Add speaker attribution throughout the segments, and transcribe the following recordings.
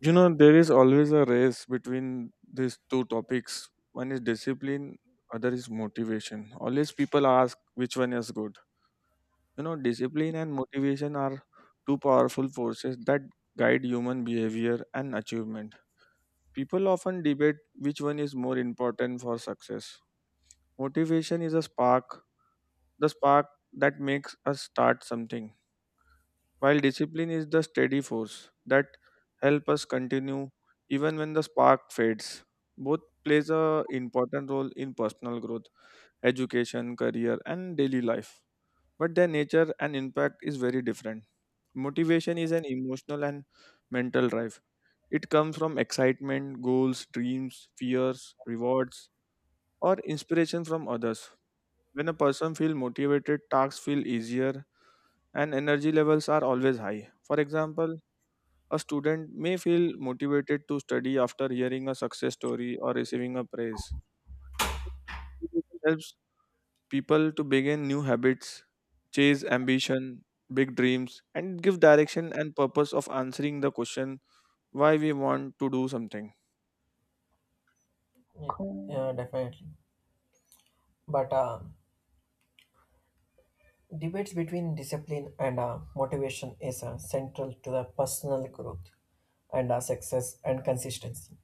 Speaker 1: You know, there is always a race between these two topics. One is discipline, other is motivation. Always people ask which one is good. You know, discipline and motivation are two powerful forces that guide human behavior and achievement. People often debate which one is more important for success. Motivation is a spark, the spark that makes us start something. While discipline is the steady force that help us continue even when the spark fades. Both plays a important role in personal growth, education, career and daily life. But their nature and impact is very different. Motivation is an emotional and mental drive. It comes from excitement, goals, dreams, fears, rewards, or inspiration from others. When a person feels motivated, tasks feel easier and energy levels are always high. For example, a student may feel motivated to study after hearing a success story or receiving a praise. Motivation helps people to begin new habits, chase ambition, big dreams, and give direction and purpose of answering the question why we want to do something.
Speaker 2: Yeah, yeah, definitely. But debates between discipline and motivation is central to the personal growth and success and consistency.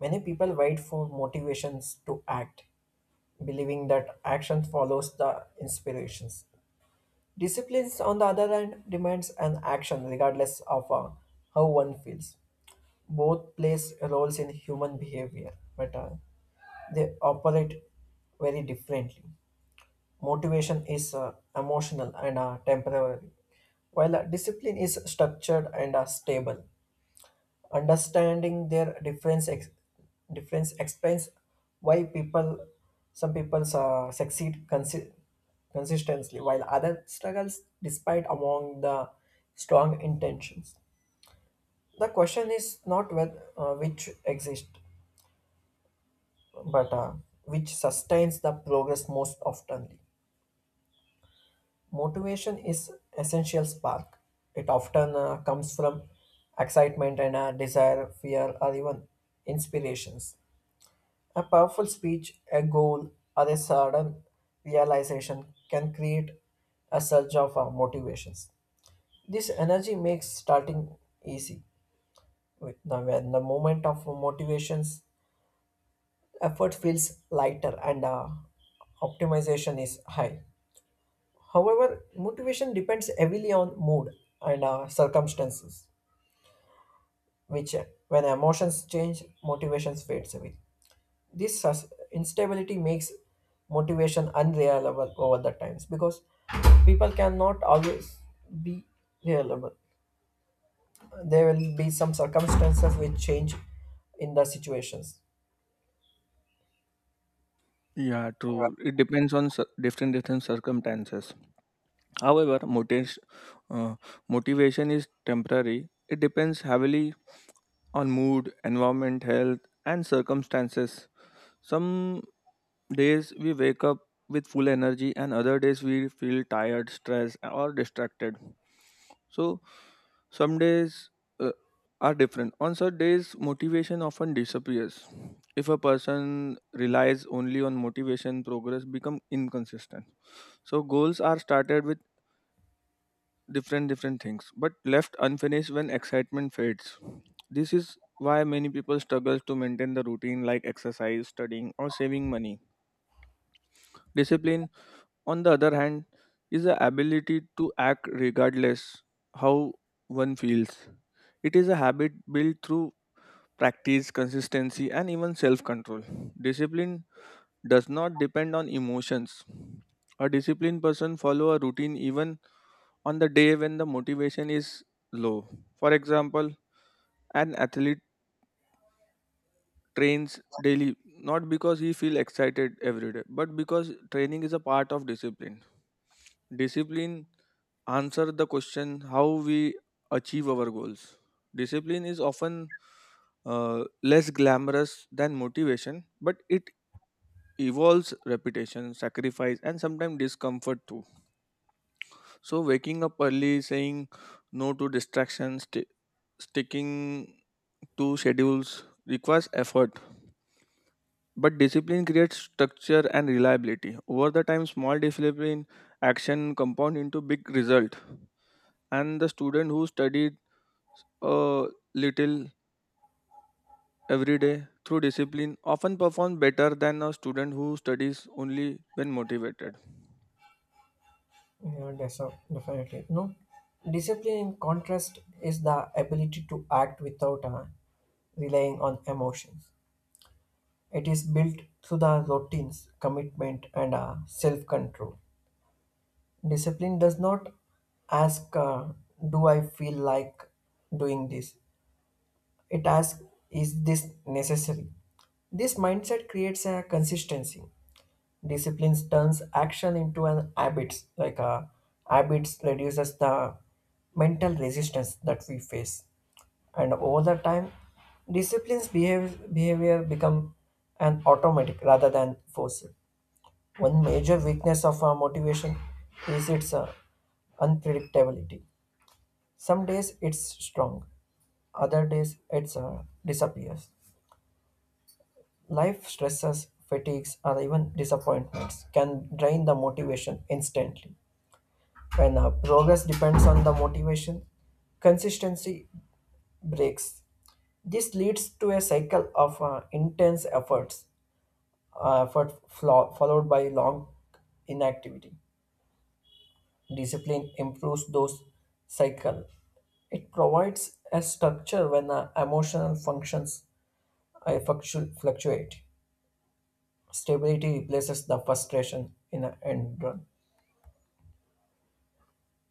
Speaker 2: Many people wait for motivations to act, believing that action follows the inspirations. Disciplines, on the other hand, demands an action regardless of how one feels. Both plays roles in human behavior, but they operate very differently. Motivation is emotional and temporary, while discipline is structured and stable. Understanding their difference explains why some people succeed consistently, while others struggles despite among the strong intentions. The question is not whether which exist, but which sustains the progress most oftenly. Motivation is essential spark. It often comes from excitement and desire, fear, or even inspirations. A powerful speech, a goal, or a sudden realization can create a surge of motivations. This energy makes starting easy. When the moment of motivations, effort feels lighter and optimization is high. However, motivation depends heavily on mood and circumstances, which, when emotions change, motivation fades away. This instability makes motivation unreliable over the times because people cannot always be reliable. There will be some circumstances which change in the situations.
Speaker 1: Yeah, true. It depends on different circumstances. However, uh, motivation is temporary. It depends heavily on mood, environment, health, and circumstances. Some days we wake up with full energy, and other days we feel tired, stressed, or distracted. So, some days uh, are different. On such days, motivation often disappears. If a person relies only on motivation, progress become inconsistent. So, goals are started with different things, but left unfinished when excitement fades. This is why many people struggle to maintain the routine like exercise, studying, or saving money. Discipline, on the other hand, is the ability to act regardless how one feels. It is a habit built through practice, consistency, and even self control. Discipline does not depend on emotions. A disciplined person follow a routine even on the day when the motivation is low. For example, an athlete trains daily not because he feel excited every day but because training is a part of discipline. Answer the question how we achieve our goals. Discipline is often less glamorous than motivation, but it evolves repetition, sacrifice, and sometimes discomfort too. So waking up early, saying no to distractions, sticking to schedules requires effort, but discipline creates structure and reliability. Over the time, small discipline action compound into big result. And the student who studied a little every day through discipline often performs better than a student who studies only when motivated.
Speaker 2: Yeah, definitely. No, discipline in contrast is the ability to act without relying on emotions. It is built through the routines, commitment, and self control. Discipline does not ask, "Do I feel like doing this?" It asks, "Is this necessary?" This mindset creates a consistency. Discipline turns action into an habits. Habits reduces the mental resistance that we face, and over the time, discipline's behavior become an automatic rather than forced. One major weakness of our motivation is its unpredictability. Some days it's strong, other days it's disappears. Life stresses, fatigues, or even disappointments can drain the motivation instantly. When our progress depends on the motivation, consistency breaks. This leads to a cycle of intense efforts, effort flaw, followed by long inactivity. Discipline improves those cycle. It provides a structure when emotional functions fluctuate. Stability replaces the frustration in an end run.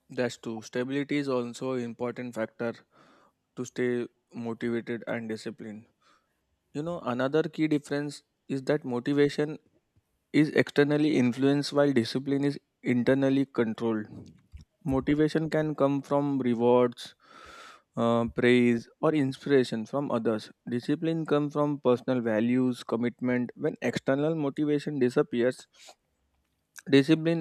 Speaker 1: That's true. Stability is also an important factor to stay motivated and disciplined. You know, another key difference is that motivation is externally influenced while discipline is internally controlled. Motivation can come from rewards, praise, or inspiration from others. Discipline comes from personal values, commitment. When external motivation disappears, discipline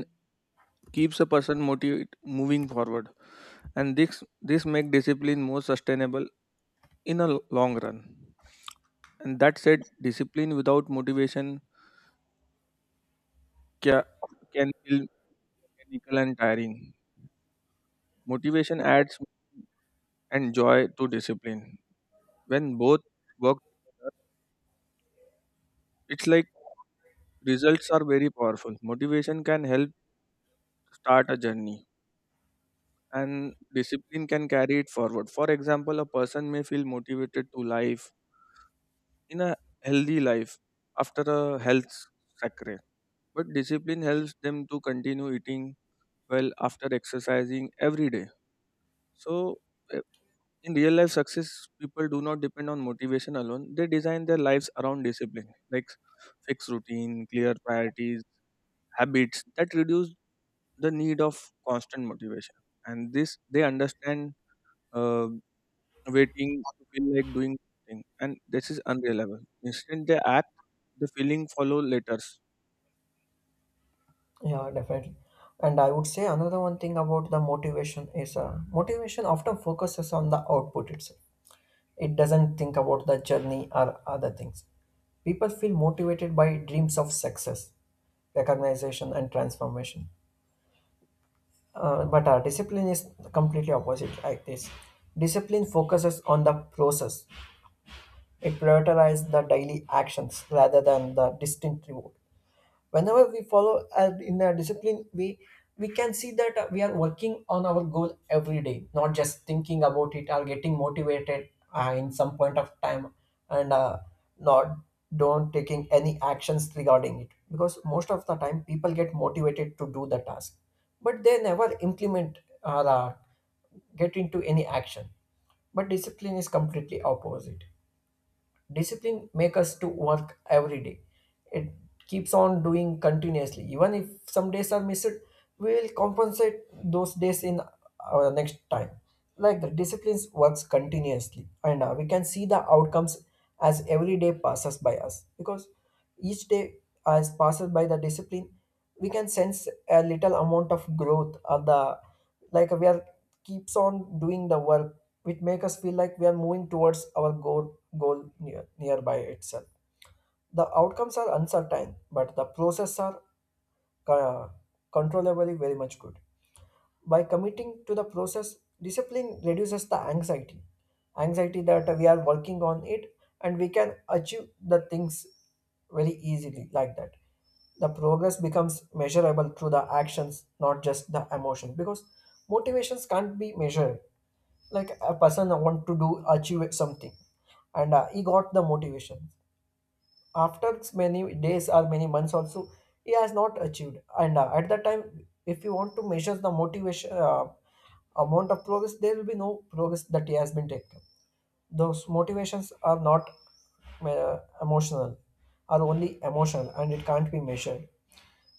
Speaker 1: keeps a person motivated moving forward, and this make discipline more sustainable in a long run. And that said, discipline without motivation ca- can feel mechanical and tiring. Motivation adds and joy to discipline. When both work together, it's like results are very powerful. Motivation can help start a journey and discipline can carry it forward. For example, a person may feel motivated to life in a healthy life after a health sacre. But discipline helps them to continue eating well after exercising every day. So in real life success, people do not depend on motivation alone. They design their lives around discipline, like fixed routine, clear priorities, habits that reduce the need of constant motivation. And this, they understand uh, waiting to feel like doing something, and this is unreliable. Instead, they act, the feeling follow later.
Speaker 2: Yeah, definitely. And I would say another one thing about the motivation is motivation often focuses on the output itself. It doesn't think about the journey or other things. People feel motivated by dreams of success, recognition, and transformation. But our discipline is completely opposite like this. Discipline focuses on the process. It prioritizes the daily actions rather than the distant reward. Whenever we follow in a disciplined way, we can see that we are working on our goal every day, not just thinking about it or getting motivated in some point of time, and not don't taking any actions regarding it, because most of the time people get motivated to do the task but they never implement or get into any action. But discipline is completely opposite. Discipline make us to work every day. It keeps on doing continuously. Even if some days are missed, we will compensate those days in our next time. Like the disciplines works continuously, and we can see the outcomes as every day passes by us, because each day as passes by the discipline, we can sense a little amount of growth of the, like we are keeps on doing the work, which make us feel like we are moving towards our goal, nearby itself. The outcomes are uncertain, but the process are uh, controllably very much good. By committing to the process, discipline reduces the anxiety. Anxiety that we are working on it and we can achieve the things very easily like that. The progress becomes measurable through the actions, not just the emotion, because motivations can't be measured. Like a person want to do achieve something, and he got the motivation after many days or many months also he has not achieved, and at that time if you want to measure the motivation amount of progress, there will be no progress that he has been taken. Those motivations are not emotional, are only emotional, and it can't be measured.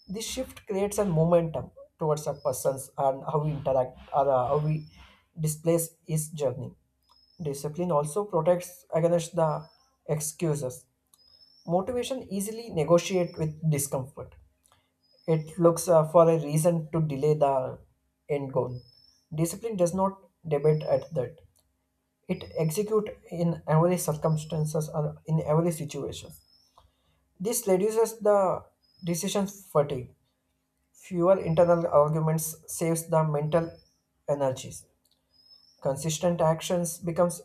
Speaker 2: This shift creates a momentum towards a person's, and how we interact or how we displace his journey. Discipline also protects against the excuses. Motivation easily negotiate with discomfort. It looks for a reason to delay the end goal. Discipline does not debate at that. It execute in every circumstances or in every situation. This reduces the decision fatigue. Fewer internal arguments saves the mental energies. Consistent actions becomes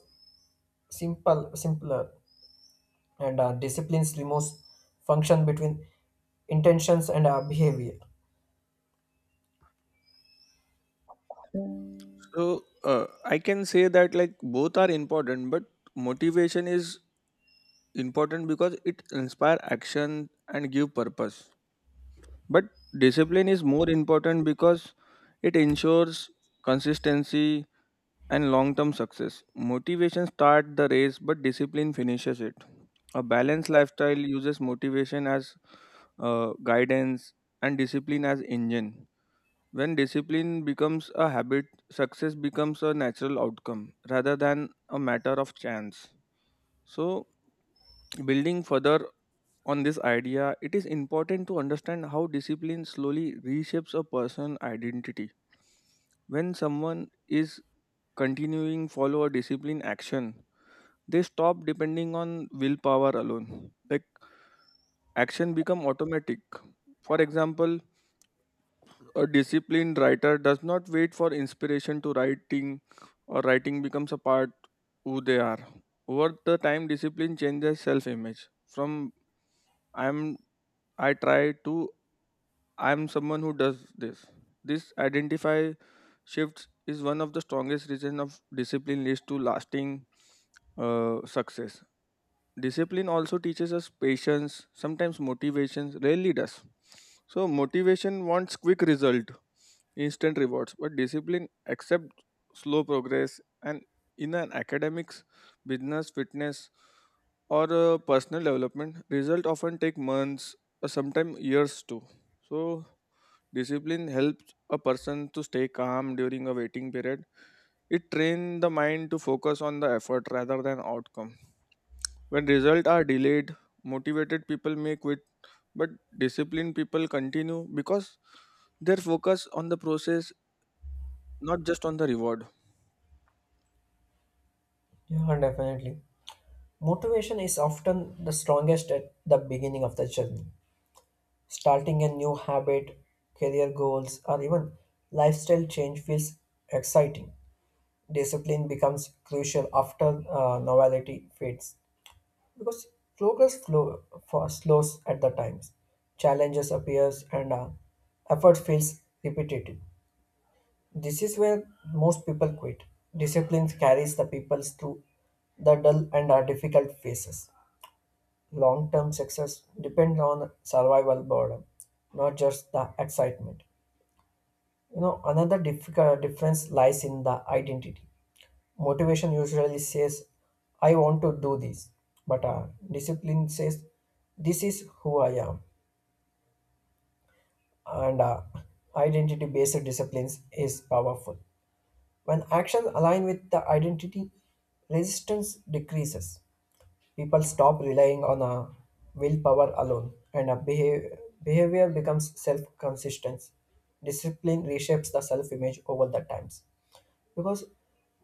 Speaker 2: simpler. And disciplines removes function between intentions and behavior.
Speaker 1: So I can say that like both are important, but motivation is important because it inspire action and give purpose. But discipline is more important because it ensures consistency and long term success. Motivation starts the race, but discipline finishes it. A balanced lifestyle uses motivation as guidance and discipline as engine. When discipline becomes a habit, success becomes a natural outcome rather than a matter of chance. So, building further on this idea, it is important to understand how discipline slowly reshapes a person's identity. When someone is continuing follow a discipline action, they stop depending on willpower alone. Like action become automatic. For example, a disciplined writer does not wait for inspiration to writing or writing becomes a part who they are. Over the time discipline changes self image. From I'm I try to I'm someone who does this. This identify shifts is one of the strongest reasons of discipline leads to lasting success. Discipline also teaches us patience, sometimes motivation rarely does. So motivation wants quick result, instant rewards, but discipline accepts slow progress and in an academics, business, fitness or personal development, result often take months or sometimes years too. So discipline helps a person to stay calm during a waiting period. It trains the mind to focus on the effort rather than outcome. When results are delayed, motivated people may quit, but disciplined people continue because their focus on the process, not just on the reward.
Speaker 2: Yeah, and definitely motivation is often the strongest at the beginning of the journey. Starting a new habit, career goals, or even lifestyle change feels exciting. Discipline becomes crucial after novelty fades, because progress flow for slows at the times, challenges appears, and effort feels repetitive. This is where most people quit. Discipline carries the people through the dull and difficult phases. Long term success depends on survival boredom, not just the excitement. You know, another difficult difference lies in the identity. Motivation usually says, "I want to do this," but discipline says, "This is who I am." And identity based disciplines is powerful. When actions align with the identity, resistance decreases. People stop relying on a willpower alone, and a behavior becomes self-consistent. Discipline reshapes the self-image over the times, because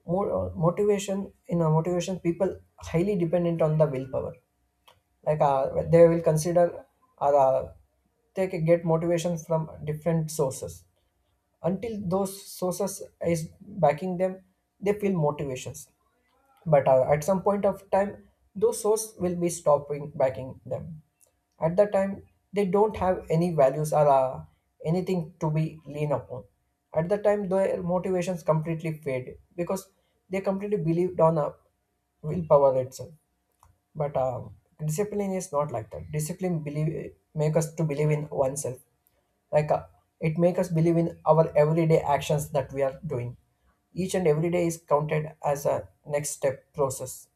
Speaker 2: more motivation in a motivation people highly dependent on the willpower. They will consider or they can get motivation from different sources. Until those sources is backing them, they feel motivations, but at some point of time, those source will be stopping backing them. At that time, they don't have any values or anything to be lean upon. At that time, their motivations completely fade, because they completely believed on a willpower itself. But discipline is not like that. Discipline believe make us to believe in oneself. like uh, it make us believe in our everyday actions that we are doing. Each and every day is counted as a next step process.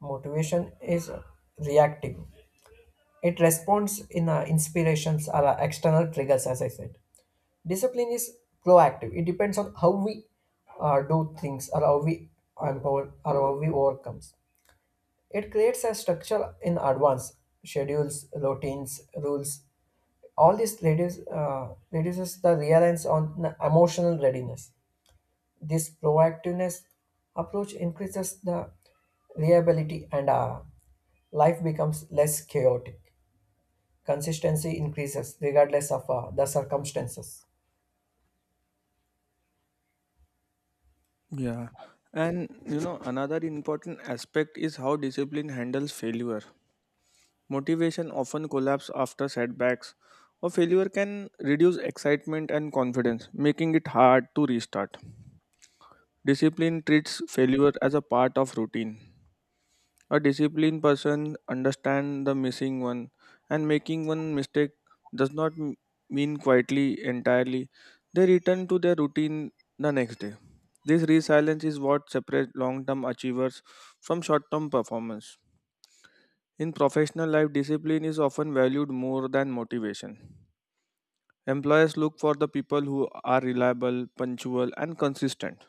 Speaker 2: Motivation is reactive. It responds in inspirations or external triggers, as I said. Discipline is proactive. It depends on how we do things, or how we empower, or how we overcome. It creates a structure in advance, schedules, routines, rules. All this reduces the reliance on the emotional readiness. This proactiveness approach increases the reliability, and life becomes less chaotic. Consistency increases regardless of the circumstances.
Speaker 1: Yeah. And you know, another important aspect is how discipline handles failure. Motivation often collapses after setbacks, or failure can reduce excitement and confidence, making it hard to restart. Discipline treats failure as a part of routine. A disciplined person understands the missing one, and making one mistake does not mean quietly entirely. They return to their routine the next day. This resilience is what separates long term achievers from short term performance. In professional life, discipline is often valued more than motivation. Employers look for the people who are reliable, punctual, and consistent.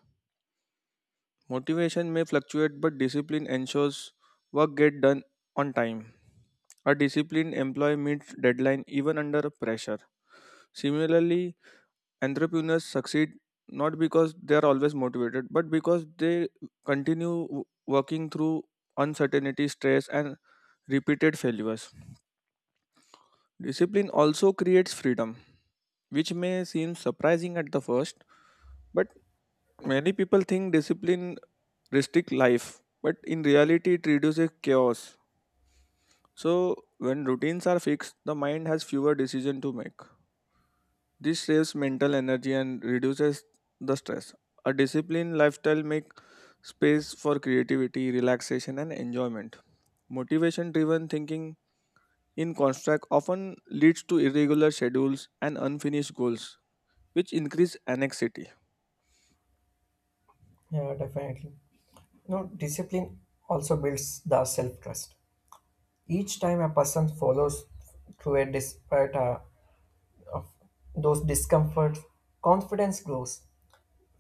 Speaker 1: Motivation may fluctuate, but discipline ensures work get done on time. A disciplined employee meets deadline even under pressure. Similarly, entrepreneurs succeed not because they are always motivated, but because they continue working through uncertainty, stress, and repeated failures. Discipline also creates freedom, which may seem surprising at the first, but many people think discipline restricts life, but in reality, it reduces chaos. So, when routines are fixed, the mind has fewer decisions to make. This saves mental energy and reduces the stress. A disciplined lifestyle makes space for creativity, relaxation, and enjoyment. Motivation driven thinking in construct often leads to irregular schedules and unfinished goals, which increase anxiety.
Speaker 2: Yeah, definitely. No, discipline also builds the self trust. Each time a person follows through a despite of those discomforts, confidence grows.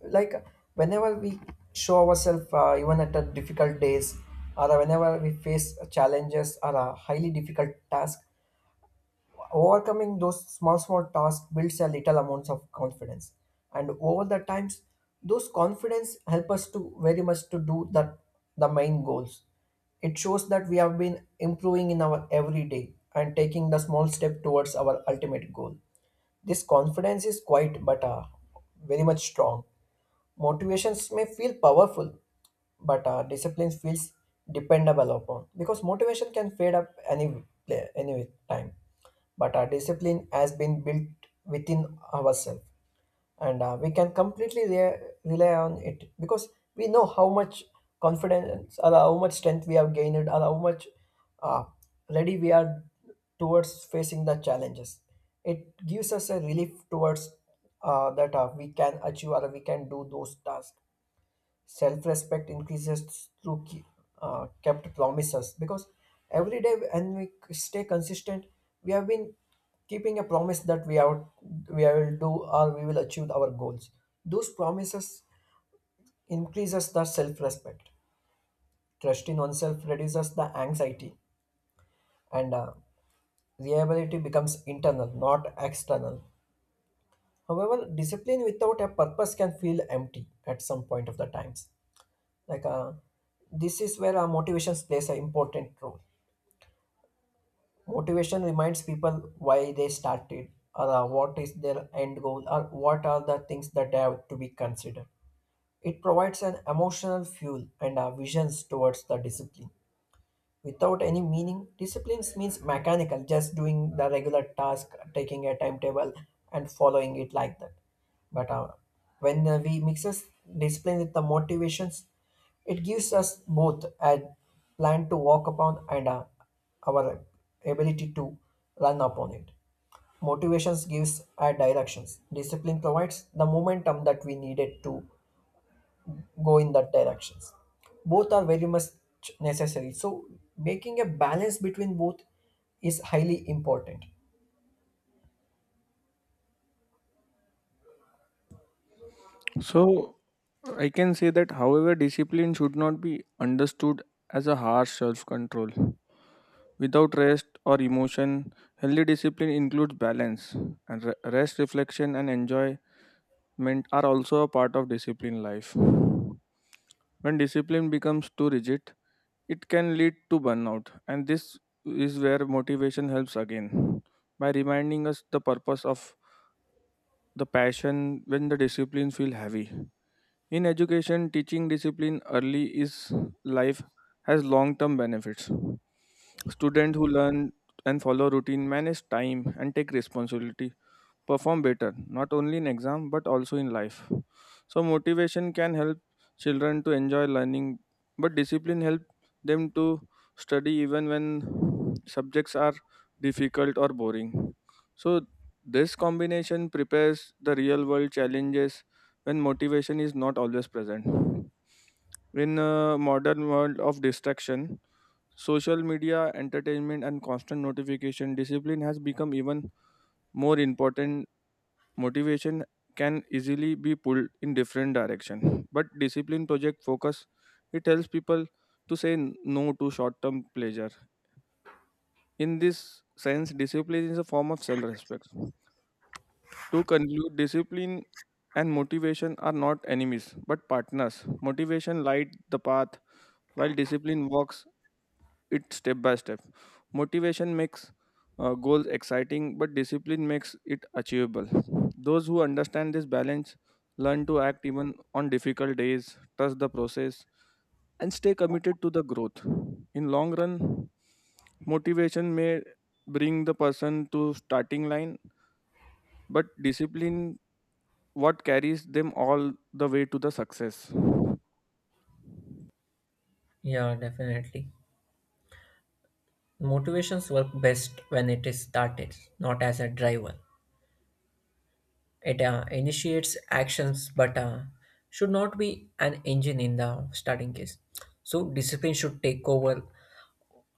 Speaker 2: Like whenever we show ourselves, even at the difficult days, or whenever we face challenges or a highly difficult task, overcoming those small tasks builds a little amounts of confidence, and over the times, those confidence help us to very much to do that the main goals. It shows that we have been improving in our everyday and taking the small step towards our ultimate goal. This confidence is quite, but very much strong. Motivations may feel powerful, but discipline feels dependable upon, because motivation can fade up any time. But our discipline has been built within ourselves, and we can completely rely on it, because we know how much confidence or how much strength we have gained, or how much uh, ready we are towards facing the challenges. It gives us a relief towards that we can achieve or we can do those tasks. Self respect increases through kept promises, because every day and we stay consistent, we have been keeping a promise that we will do or we will achieve our goals. Those promises increases the self respect. Trust in oneself reduces the anxiety, and reliability becomes internal, not external. However, discipline without a purpose can feel empty at some point of the times. like uh, this is where our motivations plays an important role. Motivation reminds people why they started, or what is their end goal, or what are the things that have to be considered. It provides an emotional fuel and visions towards the discipline. Without any meaning, disciplines means mechanical, just doing the regular task, taking a timetable and following it like that. But when we mixes discipline with the motivations, it gives us both a plan to walk upon, and our ability to run upon it. Motivations gives our directions. Discipline provides the momentum that we needed to go in that directions. Both are very much necessary, so making a balance between both is highly important.
Speaker 1: So I can say that, however, discipline should not be understood as a harsh self control. Without rest or emotion, healthy discipline includes balance, and rest, reflection, and enjoyment are also a part of discipline life. When discipline becomes too rigid, it can lead to burnout, and this is where motivation helps again by reminding us the purpose of the passion when the disciplines feel heavy. In education, teaching discipline early is life has long-term benefits. Students who learn and follow routine, manage time and take responsibility perform better not only in exam but also in life. So motivation can help children to enjoy learning, but discipline help them to study even when subjects are difficult or boring. So this combination prepares the real world challenges when motivation is not always present. In a modern world of distraction, social media, entertainment, and constant notification, discipline has become even more important. Motivation can easily be pulled in different direction, but discipline project focus. It tells people to say no to short term pleasure. In this sense, discipline is a form of self respect. To conclude, discipline and motivation are not enemies but partners. Motivation light the path while discipline walks it step by step. Motivation makes goals exciting, but discipline makes it achievable. Those who understand this balance learn to act even on difficult days, trust the process, and stay committed to the growth. In long run, motivation may bring the person to starting line, but discipline what carries them all the way to the success.
Speaker 2: Yeah, definitely. Motivations work best when it is started, not as a driver. It initiates actions, but should not be an engine in the starting case. So discipline should take over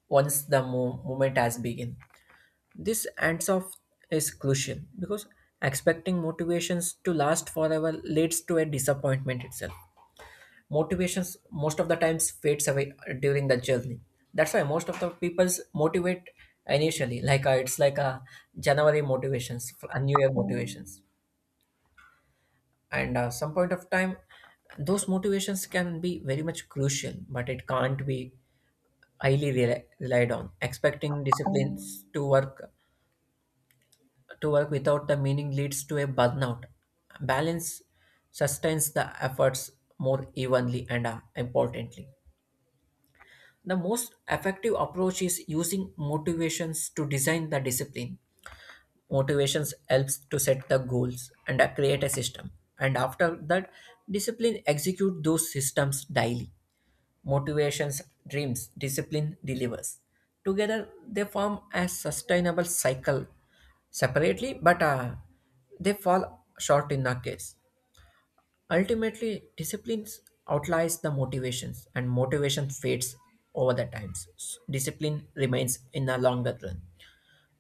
Speaker 2: once the movement has begun. This ends off is crucial, because expecting motivations to last forever leads to a disappointment itself. Motivations most of the times fades away during the journey. That's why most of the people's motivate initially, it's like a January motivations, a New Year motivations, and some point of time, those motivations can be very much crucial, but it can't be highly relied on. Expecting disciplines to work. To work without a meaning leads to a burnout. Balance sustains the efforts more evenly and importantly. The most effective approach is using motivations to design the discipline. Motivations helps to set the goals and create a system. And after that, discipline execute those systems daily. Motivations, dreams, discipline delivers. Together, they form a sustainable cycle separately, but they fall short in the case. Ultimately, disciplines outlies the motivations, and motivation fades over the times. Discipline remains in the longer run.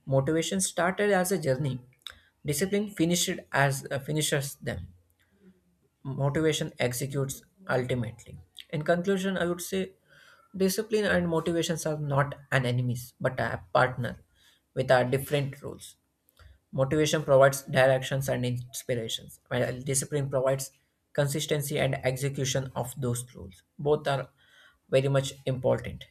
Speaker 2: Motivation started as a journey. Discipline finished as finishes them. Motivation executes ultimately. In conclusion, I would say discipline and motivations are not an enemies but a partner with our different roles. Motivation provides directions and inspirations, while discipline provides consistency and execution of those rules. Both are very much important.